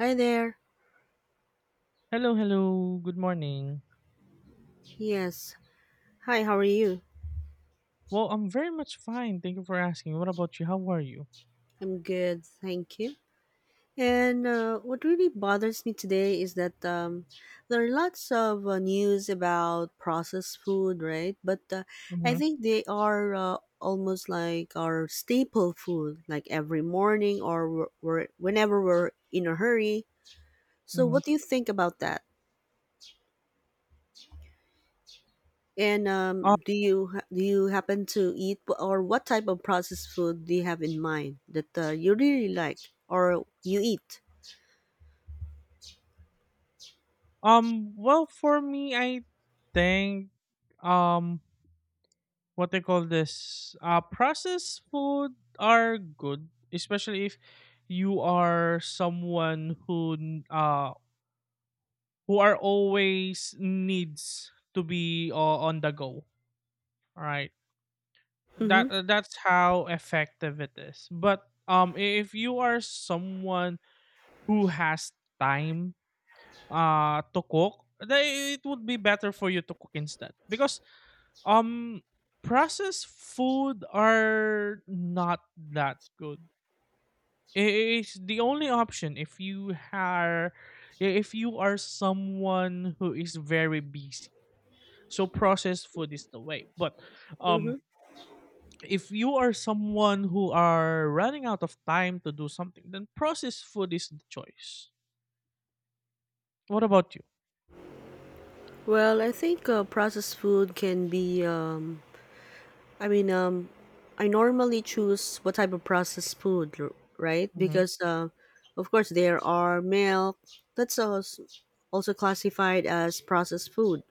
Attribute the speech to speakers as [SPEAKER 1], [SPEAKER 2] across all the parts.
[SPEAKER 1] Hi there.
[SPEAKER 2] Hello, hello. Good morning.
[SPEAKER 1] Yes. Hi, how are you?
[SPEAKER 2] Well, I'm very much fine. Thank you for asking. What about you? How are you?
[SPEAKER 1] I'm good, thank you. And what really bothers me today is that there are lots of news about processed food, right? But I
[SPEAKER 2] Mm-hmm.
[SPEAKER 1] think they are almost like our staple food, like every morning or whenever we're in a hurry. So,
[SPEAKER 2] Mm-hmm.
[SPEAKER 1] what do you think about that? And
[SPEAKER 2] Uh,
[SPEAKER 1] do you do you happen to eat or what type of processed food do you have in mind that you really like or you eat?
[SPEAKER 2] Well, for me, I think um what they call this processed food are good, especially if you are someone who who are always needs to be on the go. All right.
[SPEAKER 1] Mm-hmm.
[SPEAKER 2] That's how effective it is, but if you are someone who has time to cook, then it would be better for you to cook instead, because um processed food are not that good. It's the only option if you are, if you are someone who is very busy, so processed food is the way. But um
[SPEAKER 1] Mm-hmm.
[SPEAKER 2] if you are someone who are running out of time to do something, then processed food is the choice. What about you?
[SPEAKER 1] Well, I think processed food can be. I mean, I normally choose what type of processed food, right?
[SPEAKER 2] Mm-hmm.
[SPEAKER 1] Because of course there are milk that's also classified as processed food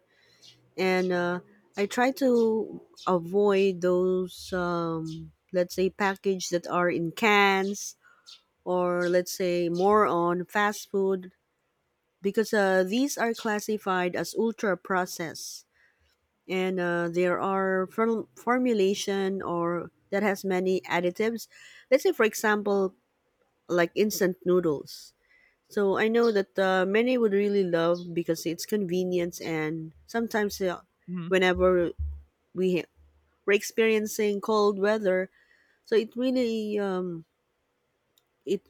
[SPEAKER 1] and I try to avoid those let's say package that are in cans or let's say more on fast food because these are classified as ultra processed and there are formulation or that has many additives, let's say for example, like instant noodles. So I know that many would really love because it's convenience, and sometimes
[SPEAKER 2] Mm-hmm.
[SPEAKER 1] whenever we we're experiencing cold weather, so it really it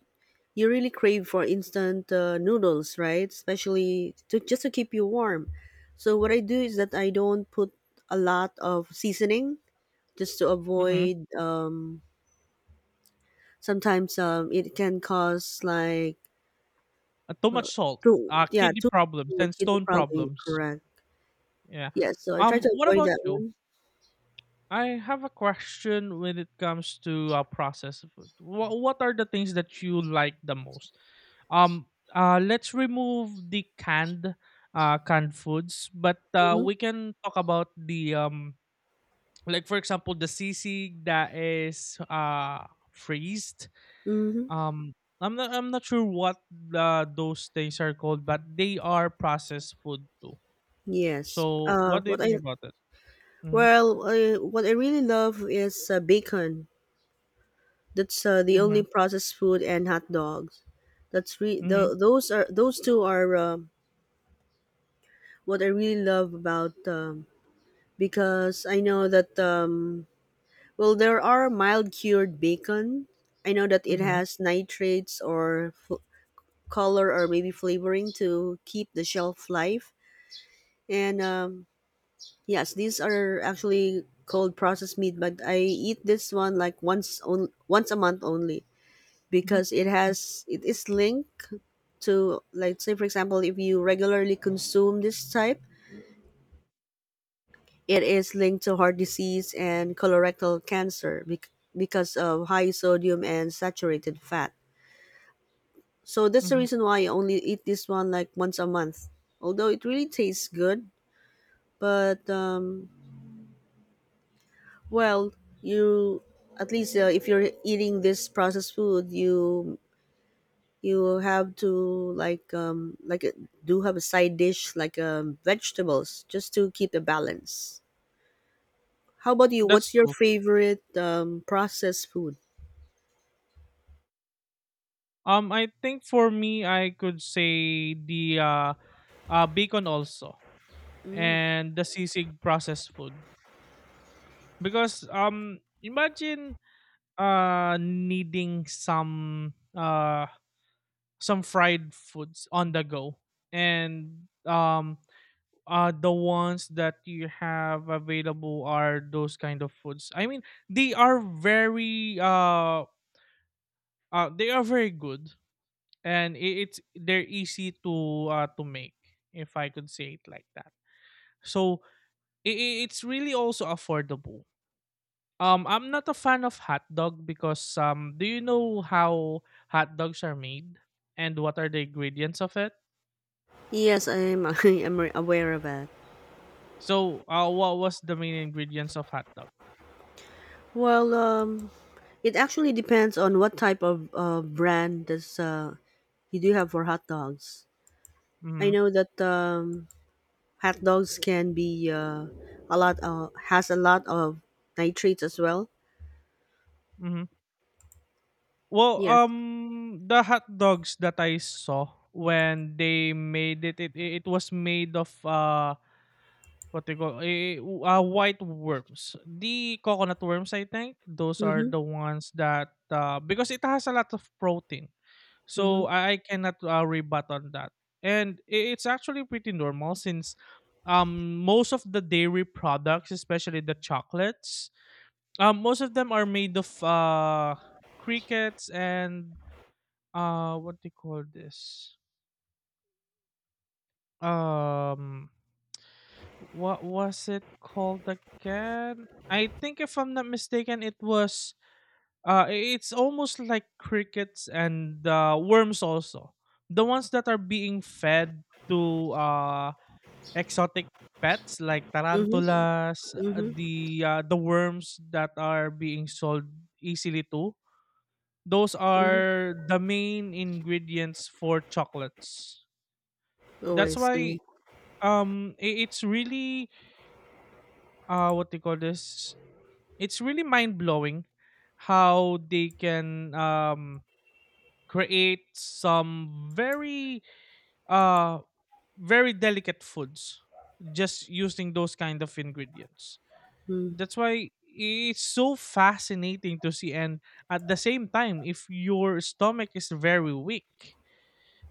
[SPEAKER 1] you really crave for instant noodles, right, especially to just to keep you warm. So what I do is that I don't put a lot of seasoning just to
[SPEAKER 2] Mm-hmm.
[SPEAKER 1] avoid sometimes it can cause like
[SPEAKER 2] Too much salt,
[SPEAKER 1] too yeah,
[SPEAKER 2] kidney
[SPEAKER 1] too
[SPEAKER 2] problems,
[SPEAKER 1] well,
[SPEAKER 2] and
[SPEAKER 1] kidney
[SPEAKER 2] stone
[SPEAKER 1] probably
[SPEAKER 2] problems.
[SPEAKER 1] correct.
[SPEAKER 2] Yeah.
[SPEAKER 1] Yes, so I try to
[SPEAKER 2] What
[SPEAKER 1] avoid
[SPEAKER 2] about
[SPEAKER 1] that
[SPEAKER 2] you?
[SPEAKER 1] one.
[SPEAKER 2] I have a question when it comes to processed food. What are the things that you like the most? Um. Let's remove the canned foods, but
[SPEAKER 1] Hmm.
[SPEAKER 2] we can talk about the like for example the sisig that is freezed.
[SPEAKER 1] Mm-hmm.
[SPEAKER 2] um I'm not sure what those things are called, but they are processed food too.
[SPEAKER 1] Yes.
[SPEAKER 2] So what do you
[SPEAKER 1] What
[SPEAKER 2] think
[SPEAKER 1] I
[SPEAKER 2] about it? Mm-hmm,
[SPEAKER 1] Well, what I really love is bacon. That's the only
[SPEAKER 2] mm-hmm,
[SPEAKER 1] processed food, and hot dogs. That's re-
[SPEAKER 2] mm-hmm,
[SPEAKER 1] the, those are Those two are what I really love about, because I know that well, there are mild cured bacon. I know that it
[SPEAKER 2] mm-hmm,
[SPEAKER 1] has nitrates or color or maybe flavoring to keep the shelf life. And Yes, these are actually called processed meat, but I eat this one like once a month only, because
[SPEAKER 2] mm-hmm,
[SPEAKER 1] it is linked, to like say for example, if you regularly consume this type, it is linked to heart disease and colorectal cancer because of high sodium and saturated fat. So that's the
[SPEAKER 2] mm-hmm.
[SPEAKER 1] reason why I only eat this one like once a month, although it really tastes good. But um, well you, at least if you're eating this processed food, you have to like do have a side dish like vegetables just to keep the balance. How about you?
[SPEAKER 2] That's
[SPEAKER 1] What's your
[SPEAKER 2] true.
[SPEAKER 1] favorite processed food?
[SPEAKER 2] I think for me I could say the bacon also,
[SPEAKER 1] Mm.
[SPEAKER 2] and the sisig processed food, because imagine needing some fried foods on the go. And the ones that you have available are those kind of foods. I mean, they are very they are very good, and it's they're easy to make, if I could say it like that. So it's really also affordable. I'm not a fan of hot dog because do you know how hot dogs are made and what are the ingredients of it?
[SPEAKER 1] Yes, I'm I'm aware of that.
[SPEAKER 2] So, what was the main ingredients of hot dog?
[SPEAKER 1] Well, it actually depends on what type of brand does you do have for hot dogs. I
[SPEAKER 2] Mm-hmm.
[SPEAKER 1] know that hot dogs can be a lot has a lot of nitrates as well.
[SPEAKER 2] Mm-hmm. Well,
[SPEAKER 1] Yes.
[SPEAKER 2] the hot dogs that I saw when they made it, it was made of what they call, white worms. The coconut worms, I think, those are
[SPEAKER 1] Mhm.
[SPEAKER 2] the ones that, because it has a lot of protein.
[SPEAKER 1] Mhm.
[SPEAKER 2] So, I cannot, rebut on that. And I it's actually pretty normal since, most of the dairy products, especially the chocolates, most of them are made of, crickets and, what do you call this? Um, what was it called again? I think if I'm not mistaken, it was it's almost like crickets and worms also. The ones that are being fed to exotic pets like
[SPEAKER 1] Mhm.
[SPEAKER 2] tarantulas,
[SPEAKER 1] Mhm.
[SPEAKER 2] the worms that are being sold easily to. Those
[SPEAKER 1] Mhm.
[SPEAKER 2] are the main ingredients for chocolates.
[SPEAKER 1] Oh, I
[SPEAKER 2] That's
[SPEAKER 1] see.
[SPEAKER 2] why it's really what they call this, it's really mind-blowing how they can create some uh very delicate foods just using those kind of ingredients.
[SPEAKER 1] Mm.
[SPEAKER 2] That's why it's so fascinating to see, and at the same time, if your stomach is very weak,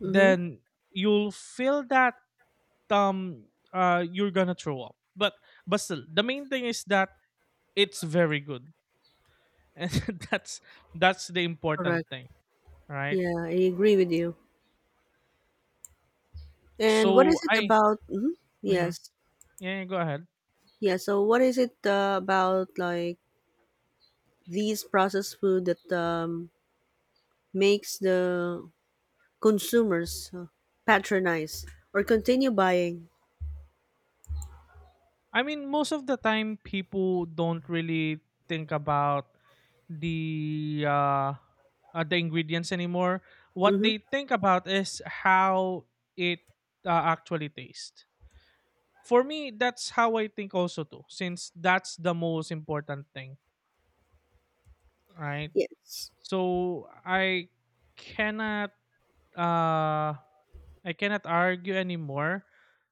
[SPEAKER 1] Mhm.
[SPEAKER 2] then you'll feel that um you're gonna throw up. But still, the main thing is that it's very good, and that's that's the important
[SPEAKER 1] Correct.
[SPEAKER 2] thing, right?
[SPEAKER 1] Yeah, I agree with you. And what is
[SPEAKER 2] So
[SPEAKER 1] it
[SPEAKER 2] I,
[SPEAKER 1] about? Mhm,
[SPEAKER 2] mhm.
[SPEAKER 1] yes,
[SPEAKER 2] Yeah, yeah, go ahead.
[SPEAKER 1] yeah. So what is it about like these processed food that makes the consumers patronize or continue buying?
[SPEAKER 2] I mean, most of the time, people don't really think about the uh, the ingredients anymore. What
[SPEAKER 1] Mm-hmm.
[SPEAKER 2] they think about is how it actually tastes. For me, that's how I think also too, since that's the most important thing, right?
[SPEAKER 1] Yes.
[SPEAKER 2] So cannot uh I cannot argue anymore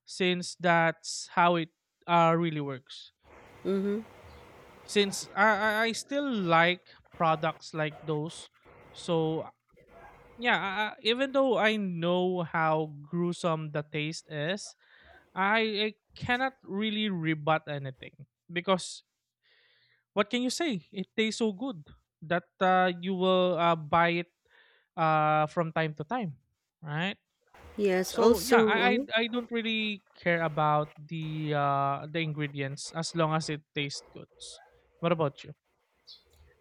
[SPEAKER 2] since that's how it really works.
[SPEAKER 1] Mm-hmm.
[SPEAKER 2] Since I still like products like those. So yeah, even though I know how gruesome the taste is, I cannot really rebut anything because what can you say? It tastes so good that you will buy it from time to time, right?
[SPEAKER 1] Yes.
[SPEAKER 2] So
[SPEAKER 1] Also,
[SPEAKER 2] yeah,
[SPEAKER 1] uh,
[SPEAKER 2] I don't really care about the ingredients as long as it tastes good. What about you?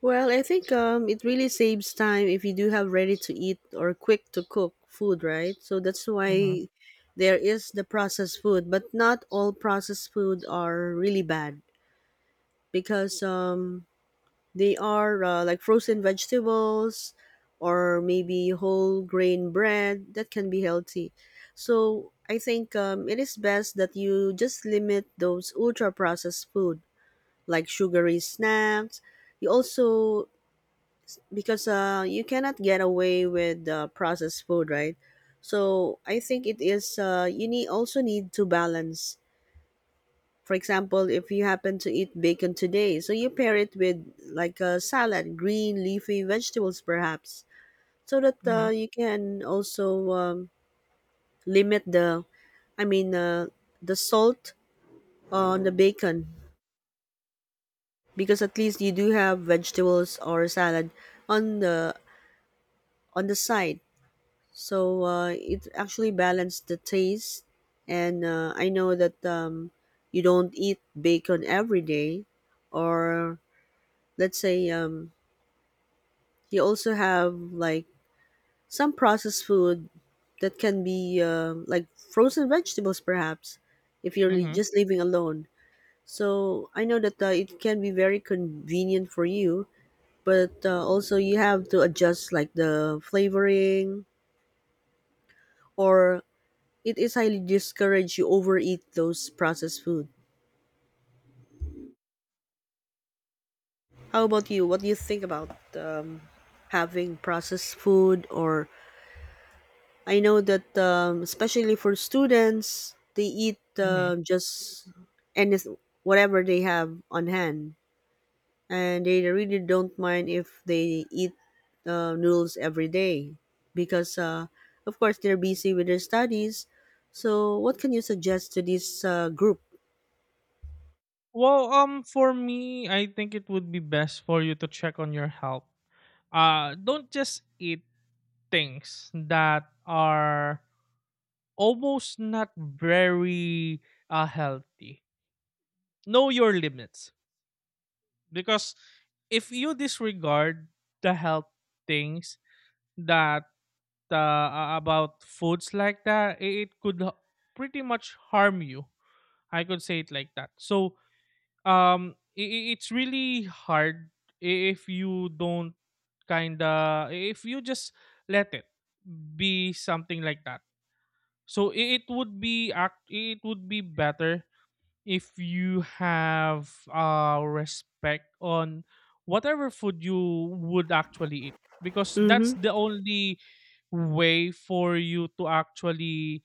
[SPEAKER 1] well, I think it really saves time if you do have ready to eat or quick to cook food, right? So that's
[SPEAKER 2] Mhm.
[SPEAKER 1] why there is the processed food, but not all processed food are really bad, because they are like frozen vegetables or maybe whole grain bread that can be healthy. So I think it is best that you just limit those ultra processed food like sugary snacks. You also, because you cannot get away with processed food, right? So I think it is, you need, also need to balance, for example, if you happen to eat bacon today, so you pair it with like a salad, green leafy vegetables perhaps, so that
[SPEAKER 2] Mhm.
[SPEAKER 1] you can also limit I mean, uh, the salt on the bacon, because at least you do have vegetables or salad on the side. So it actually balanced the taste, and I know that you don't eat bacon every day, or let's say you also have like some processed food that can be like frozen vegetables, perhaps, if you're
[SPEAKER 2] Mhm.
[SPEAKER 1] just living alone. So I know that it can be very convenient for you, but also you have to adjust like the flavoring, or it is highly discouraged you overeat those processed food. How about you? What do you think about having processed food? Or I know that especially for students, they eat
[SPEAKER 2] Mhm.
[SPEAKER 1] just any, whatever they have on hand, and they really don't mind if they eat noodles every day, because of course they're busy with their studies. So, what can you suggest to this group?
[SPEAKER 2] Well, for me, I think it would be best for you to check on your health. Don't just eat things that are almost not very healthy. Know your limits, because if you disregard the health things that about foods like that, it could pretty much harm you, I could say it like that. So it's really hard if you don't, kind of, if you just let it be something like that. So it would be better if you have respect on whatever food you would actually eat, because that's
[SPEAKER 1] Mm-hmm.
[SPEAKER 2] the only way for you to actually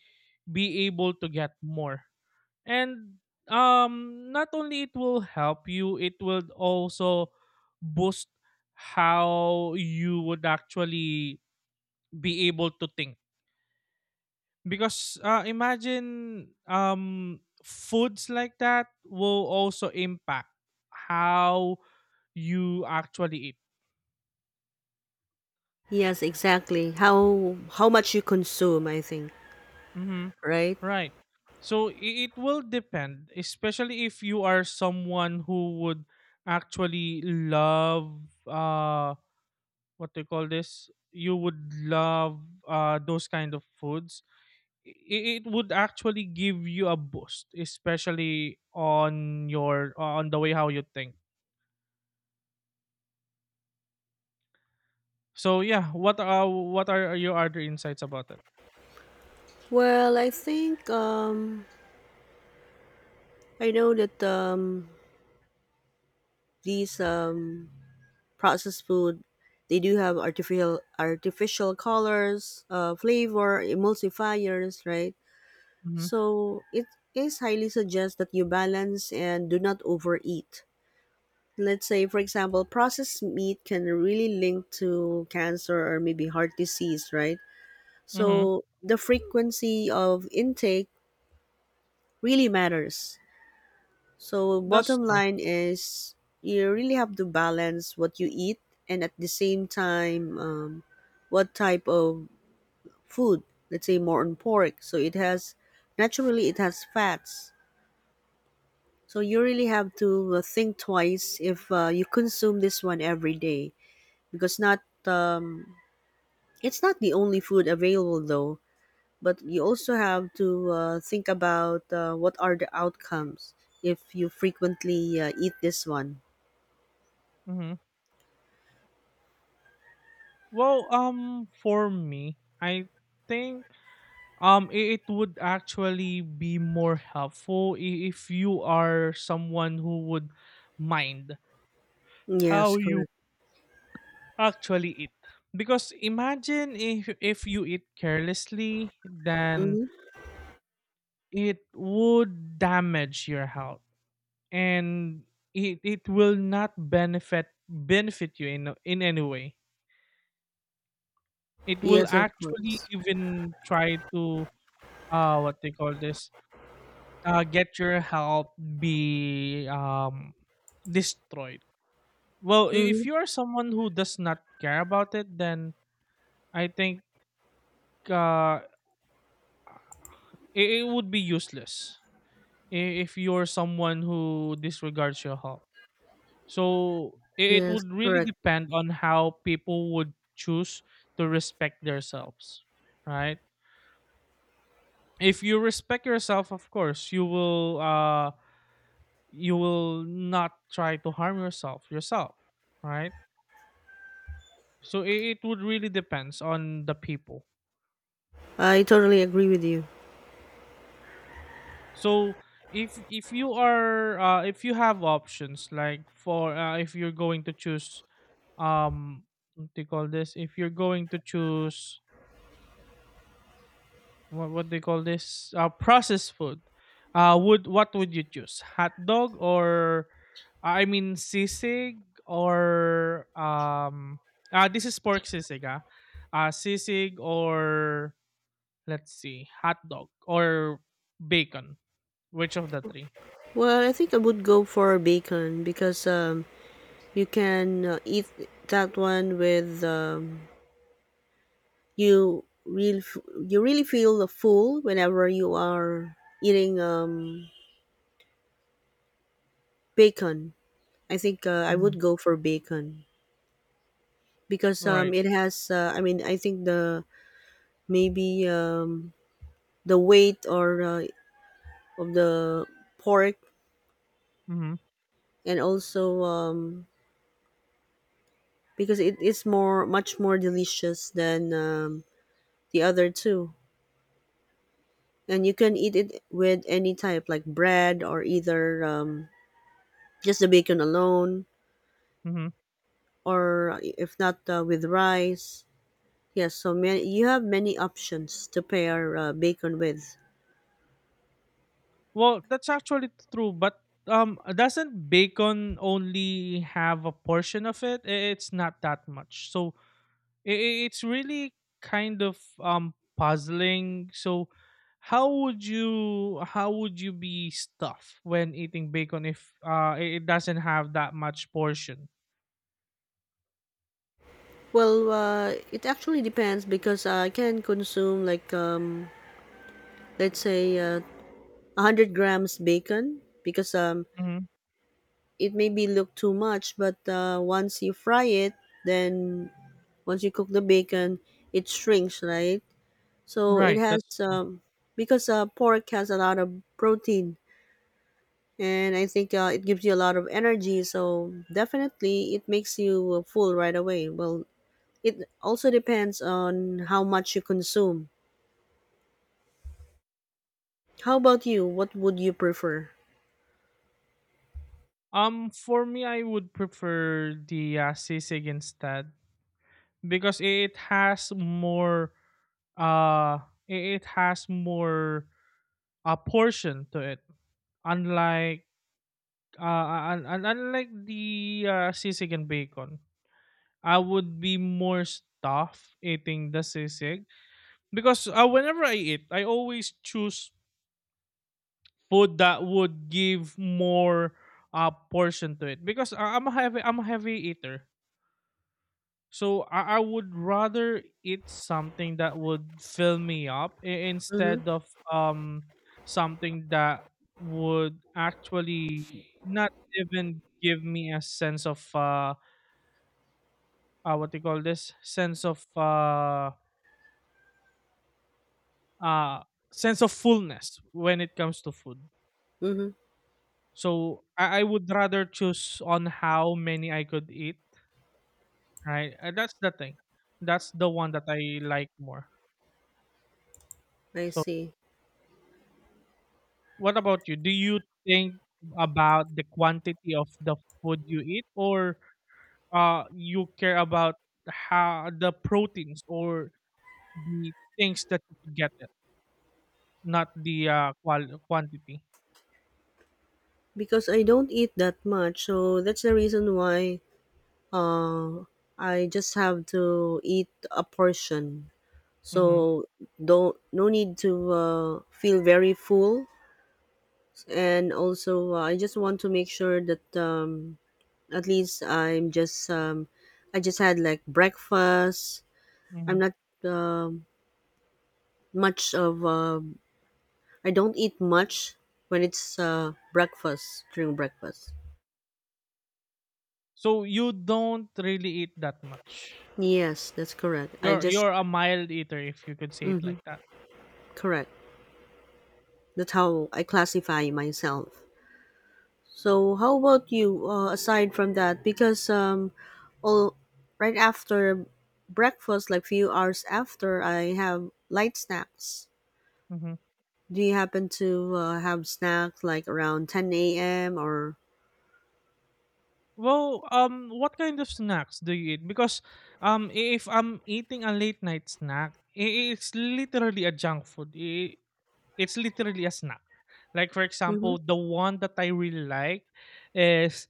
[SPEAKER 2] be able to get more. And not only it will help you, it will also boost how you would actually be able to think, because imagine foods like that will also impact how you actually eat.
[SPEAKER 1] Yes, exactly. How much you consume, I think,
[SPEAKER 2] Hmm.
[SPEAKER 1] right?
[SPEAKER 2] Right. So it will depend, especially if you are someone who would actually love uh what they call this. You would love those kind of foods. It would actually give you a boost, especially on your on the way how you think. So yeah, what are your other insights about it?
[SPEAKER 1] Well, I think I know that these processed food. They do have artificial colors, flavor, emulsifiers, right?
[SPEAKER 2] Mhm.
[SPEAKER 1] So it is highly suggest that you balance and do not overeat. Let's say, for example, processed meat can really link to cancer or maybe heart disease, right?
[SPEAKER 2] Mhm.
[SPEAKER 1] So the frequency of intake really matters. So,
[SPEAKER 2] That's
[SPEAKER 1] bottom
[SPEAKER 2] true.
[SPEAKER 1] line is, you really have to balance what you eat, and at the same time, what type of food. Let's say more on pork. So, it has, naturally, it has fats. So, you really have to think twice if you consume this one every day, because not it's not the only food available though. But you also have to think about what are the outcomes if you frequently eat this one.
[SPEAKER 2] Mhm. Well, for me, I think it would actually be more helpful if you are someone who would mind
[SPEAKER 1] Yes,
[SPEAKER 2] how you
[SPEAKER 1] correct.
[SPEAKER 2] actually eat. Because imagine if you eat carelessly, then
[SPEAKER 1] Hmm.
[SPEAKER 2] it would damage your health, and it will not benefit you in any way. It will
[SPEAKER 1] Yes, of
[SPEAKER 2] actually
[SPEAKER 1] course.
[SPEAKER 2] even try to what they call this, get your help be destroyed. Well,
[SPEAKER 1] Hmm.
[SPEAKER 2] if you are someone who does not care about it, then I think uh it would be useless i- if you're someone who disregards your help. So it
[SPEAKER 1] Yes,
[SPEAKER 2] would really
[SPEAKER 1] correct.
[SPEAKER 2] depend on how people would choose to respect themselves, right? If you respect yourself, of course, you will not try to harm yourself, right? So it would really depends on the people.
[SPEAKER 1] I totally agree with you.
[SPEAKER 2] So if you are if you have options like for if you're going to choose um what do you call this, if you're going to choose what they call this processed food, would what would you choose, hot dog or I mean sisig or this is pork sisig, sisig or let's see, hot dog or bacon, which of the 3?
[SPEAKER 1] Well, I think I would go for bacon because you can eat that one with you you really feel the full whenever you are eating bacon. I think I
[SPEAKER 2] Mm-hmm.
[SPEAKER 1] would go for bacon because
[SPEAKER 2] Right.
[SPEAKER 1] it has. I mean, I think the maybe the weight or of the pork,
[SPEAKER 2] Mm-hmm.
[SPEAKER 1] and also because it is more, much more delicious than the other two, and you can eat it with any type like bread, or either just the bacon alone,
[SPEAKER 2] Mm-hmm.
[SPEAKER 1] or if not with rice. Yes, so many, you have many options to pair bacon with.
[SPEAKER 2] Well, that's actually true, but doesn't bacon only have a portion of it? It's not that much. So it's really kind of puzzling. So how would you, how would you be stuffed when eating bacon if it it doesn't have that much portion?
[SPEAKER 1] Well, it actually depends, because I can consume like let's say 100 grams bacon, because
[SPEAKER 2] Hmm.
[SPEAKER 1] it maybe look too much, but once you fry it, then once you cook the bacon, it shrinks, right? So it
[SPEAKER 2] Right,
[SPEAKER 1] has
[SPEAKER 2] that's true.
[SPEAKER 1] because pork has a lot of protein, and I think it gives you a lot of energy. So definitely, it makes you full right away. Well, it also depends on how much you consume. How about you? What would you prefer?
[SPEAKER 2] For me, I would prefer the sisig instead, because it has more uh i- it has more a portion to it, unlike uh unlike the sisig and bacon. I would be more stuffed eating the sisig, because whenever I eat, I always choose food that would give more portion to it, because I'm a heavy I'm a heavy eater. So I would rather eat something that would fill me up
[SPEAKER 1] Mm-hmm.
[SPEAKER 2] instead of um something that would actually not even give me a sense of what do you call this, uh sense of fullness when it comes to food.
[SPEAKER 1] Mm-hmm.
[SPEAKER 2] So I would rather choose on how many I could eat. Right. That's the thing. That's the one that I like more.
[SPEAKER 1] I
[SPEAKER 2] So
[SPEAKER 1] see.
[SPEAKER 2] what about you? Do you think about the quantity of the food you eat, or you care about how the proteins or the things that you could get it, not the quantity.
[SPEAKER 1] Because I don't eat that much, so that's the reason why. Uh, I just have to eat a portion, so
[SPEAKER 2] Mm-hmm.
[SPEAKER 1] don't, no need to feel very full. And also, I just want to make sure that at least I'm just I just had like breakfast. I'm
[SPEAKER 2] Mm-hmm.
[SPEAKER 1] not um much of I don't eat much when it's breakfast.
[SPEAKER 2] So you don't really eat that much.
[SPEAKER 1] Yes, that's correct. I just
[SPEAKER 2] You're a mild eater, if you could say it
[SPEAKER 1] mhm,
[SPEAKER 2] like that.
[SPEAKER 1] correct. That's how I classify myself. So how about you? Aside from that, because all right after breakfast, like few hours after, I have light snacks.
[SPEAKER 2] Hmm.
[SPEAKER 1] Do you happen to have snacks like around ten a.m. or?
[SPEAKER 2] Well, what kind of snacks do you eat? Because, if I'm eating a late night snack, it's literally a junk food. It's literally a snack. Like for
[SPEAKER 1] Mm-hmm.
[SPEAKER 2] example, the one that I really like is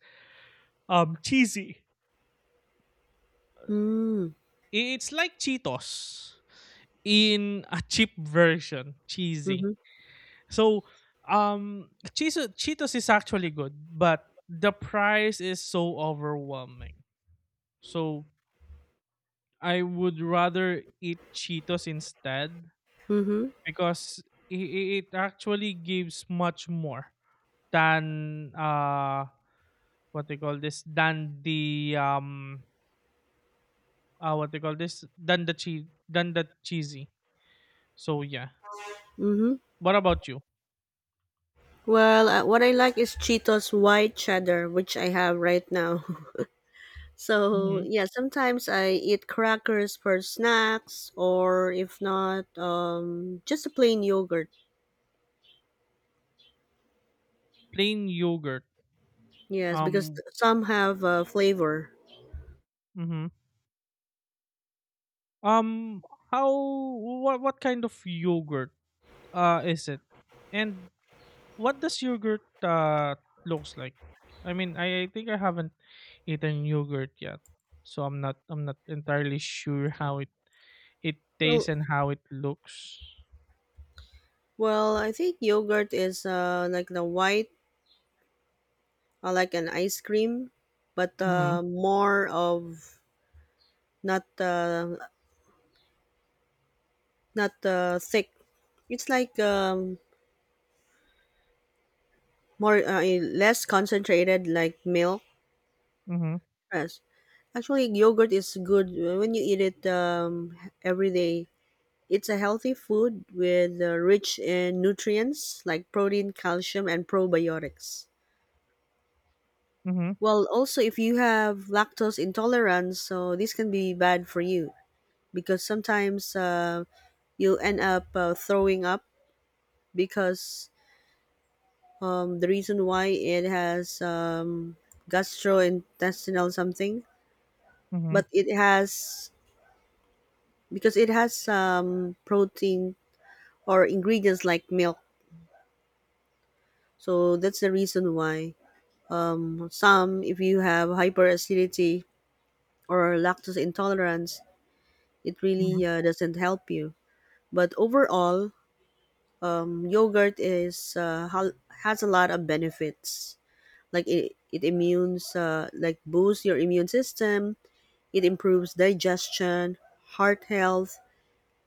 [SPEAKER 2] cheesy.
[SPEAKER 1] Mm,
[SPEAKER 2] It's like Cheetos in a cheap version, cheesy.
[SPEAKER 1] mm-hmm.
[SPEAKER 2] So, um, Cheetos is actually good, but the price is so overwhelming. So, I would rather eat Cheetos instead
[SPEAKER 1] Mm-hmm.
[SPEAKER 2] because i- it actually gives much more than what they call this, than the what they call this, than the cheese, than the cheesy. So yeah.
[SPEAKER 1] Mm-hmm.
[SPEAKER 2] What about you?
[SPEAKER 1] Well, what I like is Cheetos white cheddar, which I have right now. So yeah, sometimes I eat crackers for snacks, or if not, just a plain yogurt.
[SPEAKER 2] Plain yogurt.
[SPEAKER 1] Yes, because
[SPEAKER 2] Um,
[SPEAKER 1] some have flavor.
[SPEAKER 2] mhm. um, how What kind of yogurt is it, and what does yogurt looks like? I mean, I think I haven't eaten yogurt yet, so I'm not entirely sure how it it tastes
[SPEAKER 1] Well,
[SPEAKER 2] and how it looks.
[SPEAKER 1] well, I think yogurt is like the white, like an ice cream, but
[SPEAKER 2] Mhm.
[SPEAKER 1] more of not uh, not thick. It's like more less concentrated, like milk.
[SPEAKER 2] Mhm.
[SPEAKER 1] Yes, actually, yogurt is good when you eat it every day. It's a healthy food with rich in nutrients like protein, calcium, and probiotics.
[SPEAKER 2] Mhm.
[SPEAKER 1] Well, also if you have lactose intolerance, so this can be bad for you because sometimes you'll end up throwing up, because the reason why it has gastrointestinal something,
[SPEAKER 2] Mhm.
[SPEAKER 1] but it has, because it has protein or ingredients like milk. So that's the reason why some, if you have hyperacidity or lactose intolerance, it
[SPEAKER 2] Mhm.
[SPEAKER 1] really doesn't help you. But overall, yogurt is has a lot of benefits. Like it immunes, like boosts your immune system. It improves digestion, heart health,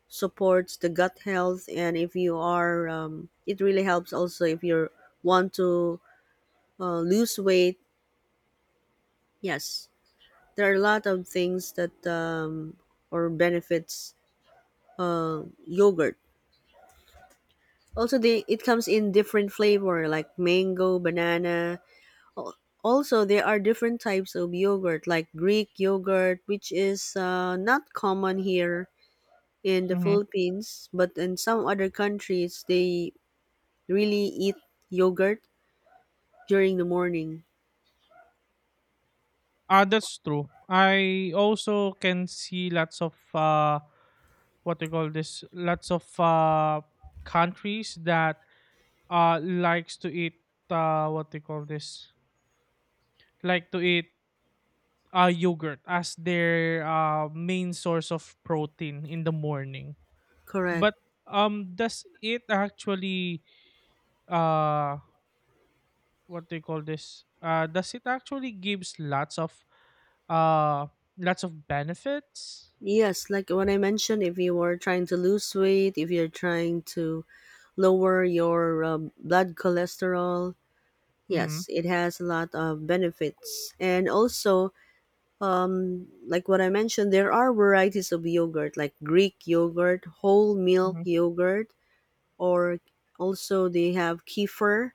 [SPEAKER 1] supports the gut health, and if you are, it really helps also if you want to lose weight. Yes, there are a lot of things that or benefits yogurt. Also, they, it comes in different flavor like mango, banana. Al- Also, there are different types of yogurt like Greek yogurt, which is not common here in the
[SPEAKER 2] Mhm.
[SPEAKER 1] Philippines, but in some other countries they really eat yogurt during the morning.
[SPEAKER 2] Ah, that's true. I also can see lots of what they call this, lots of countries that likes to eat what they call this, like to eat yogurt as their main source of protein in the morning.
[SPEAKER 1] Correct.
[SPEAKER 2] But does it actually uh what they call this, does it actually gives uh lots of benefits?
[SPEAKER 1] Yes, like what I mentioned, if you are trying to lose weight, if you're trying to lower your blood cholesterol,
[SPEAKER 2] Mm-hmm,
[SPEAKER 1] yes, it has a lot of benefits. And also, like what I mentioned, there are varieties of yogurt, like Greek yogurt, whole milk
[SPEAKER 2] mm-hmm,
[SPEAKER 1] yogurt, or also they have kefir,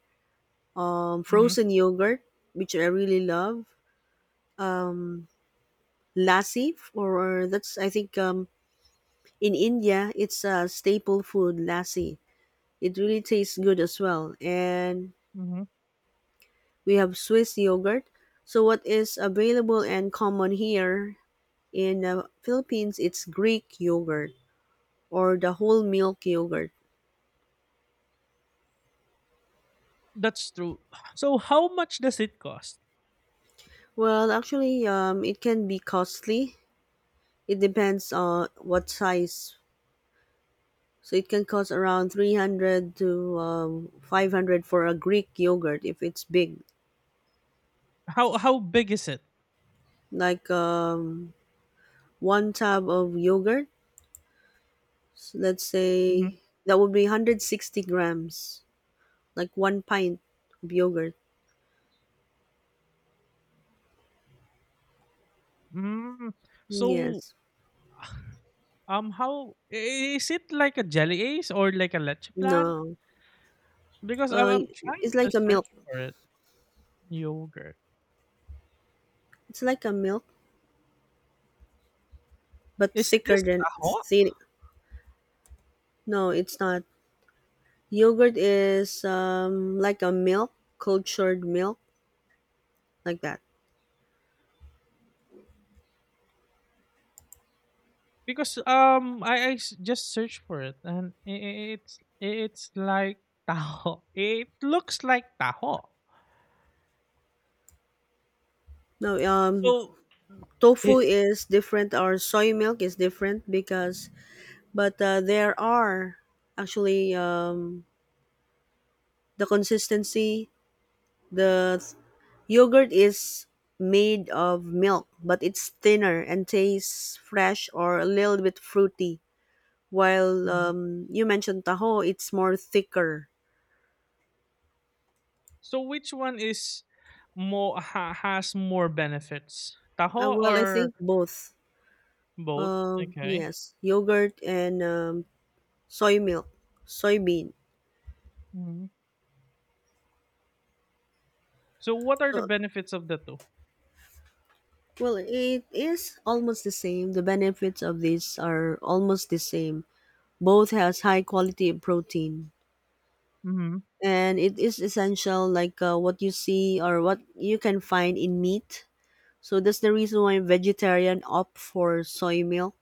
[SPEAKER 2] mm-hmm,
[SPEAKER 1] frozen yogurt, which I really love. Um, Lassi, or that's I think in India it's a staple food. Lassi, it really tastes good as well. And
[SPEAKER 2] mm-hmm.
[SPEAKER 1] we have Swiss yogurt. So what is available and common here in the Philippines? It's Greek yogurt or the whole milk yogurt?
[SPEAKER 2] That's true. So how much does it cost?
[SPEAKER 1] Well, actually, it can be costly. It depends on what size. So it can cost around 300 to 500 for a Greek yogurt if it's big.
[SPEAKER 2] How big is it?
[SPEAKER 1] Like one tub of yogurt, so let's
[SPEAKER 2] Mhm.
[SPEAKER 1] say that would be 160 grams, like one pint of yogurt.
[SPEAKER 2] Mm. So
[SPEAKER 1] Yes.
[SPEAKER 2] um, how I is it like a jelly ace or like a leche plan?
[SPEAKER 1] No.
[SPEAKER 2] Because
[SPEAKER 1] Uh,
[SPEAKER 2] I'm trying
[SPEAKER 1] it's like
[SPEAKER 2] to
[SPEAKER 1] a
[SPEAKER 2] search
[SPEAKER 1] milk.
[SPEAKER 2] for it. Yogurt.
[SPEAKER 1] It's like a milk, but
[SPEAKER 2] Is
[SPEAKER 1] thicker
[SPEAKER 2] this
[SPEAKER 1] than
[SPEAKER 2] taho?
[SPEAKER 1] thick. No, it's not. Yogurt is like a milk, cultured milk, like that.
[SPEAKER 2] Because just searched for it, and I it's like taho. It looks like taho.
[SPEAKER 1] No,
[SPEAKER 2] So,
[SPEAKER 1] tofu
[SPEAKER 2] it,
[SPEAKER 1] is different, or soy milk is different, because, but there are actually the consistency. The yogurt is made of milk, but it's thinner and tastes fresh or a little bit fruity. While you mentioned taho, it's more thicker.
[SPEAKER 2] so which one is more has more benefits? Taho
[SPEAKER 1] Well, I
[SPEAKER 2] or
[SPEAKER 1] think both.
[SPEAKER 2] both? Okay.
[SPEAKER 1] Yes, yogurt and soy milk, soybean.
[SPEAKER 2] Mhm. So what are the
[SPEAKER 1] So,
[SPEAKER 2] benefits of the 2?
[SPEAKER 1] well, it is almost the same. The benefits of these are almost the same. Both has high quality of protein,
[SPEAKER 2] Mm-hmm.
[SPEAKER 1] and it is essential, like what you see or what you can find in meat. So that's the reason why vegetarian opt for soy milk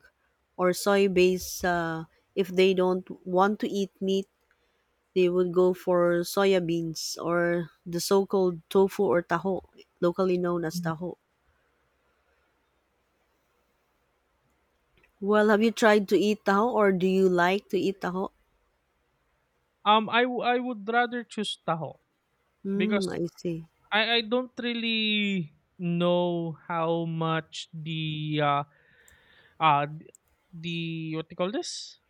[SPEAKER 1] or soy-based if they don't want to eat meat, they would go for soya beans or the so-called tofu or taho, locally known as taho. Well, have you tried to eat taho or do you like to eat taho?
[SPEAKER 2] I would rather choose taho because
[SPEAKER 1] Mm, I see.
[SPEAKER 2] I don't really know how much the uh th- the what do you call this?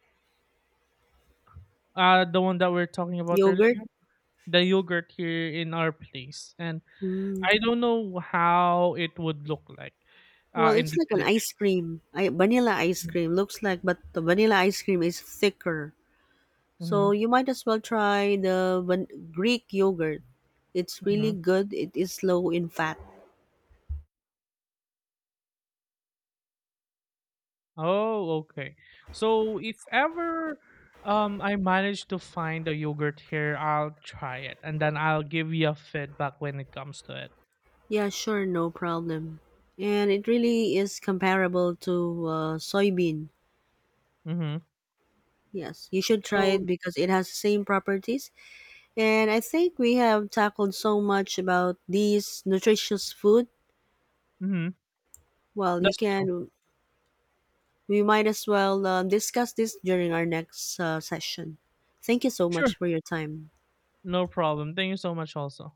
[SPEAKER 2] The one that we're talking about
[SPEAKER 1] Yogurt?
[SPEAKER 2] earlier, the yogurt here in our place. And
[SPEAKER 1] Mm.
[SPEAKER 2] I don't know how it would look like
[SPEAKER 1] Well,
[SPEAKER 2] in
[SPEAKER 1] it's
[SPEAKER 2] the
[SPEAKER 1] like an ice
[SPEAKER 2] Philippines.
[SPEAKER 1] cream. I, vanilla ice cream looks like, but the vanilla ice cream is thicker.
[SPEAKER 2] Mm-hmm.
[SPEAKER 1] So you might as well try the Greek yogurt. It's really
[SPEAKER 2] Mm-hmm.
[SPEAKER 1] good. It is low in fat.
[SPEAKER 2] Oh, okay. So if ever I manage to find a yogurt here, I'll try it and then I'll give you a feedback when it comes to it.
[SPEAKER 1] Yeah, sure, no problem. And it really is comparable to soybean.
[SPEAKER 2] Mm-hmm.
[SPEAKER 1] Yes, you should try
[SPEAKER 2] So
[SPEAKER 1] it because it has the same properties. And I think we have tackled so much about these nutritious food.
[SPEAKER 2] mm-hmm.
[SPEAKER 1] Well, you
[SPEAKER 2] That's true.
[SPEAKER 1] can, we might as well discuss this during our next session. Thank you so
[SPEAKER 2] Sure.
[SPEAKER 1] much for your time.
[SPEAKER 2] No problem. Thank you so much also.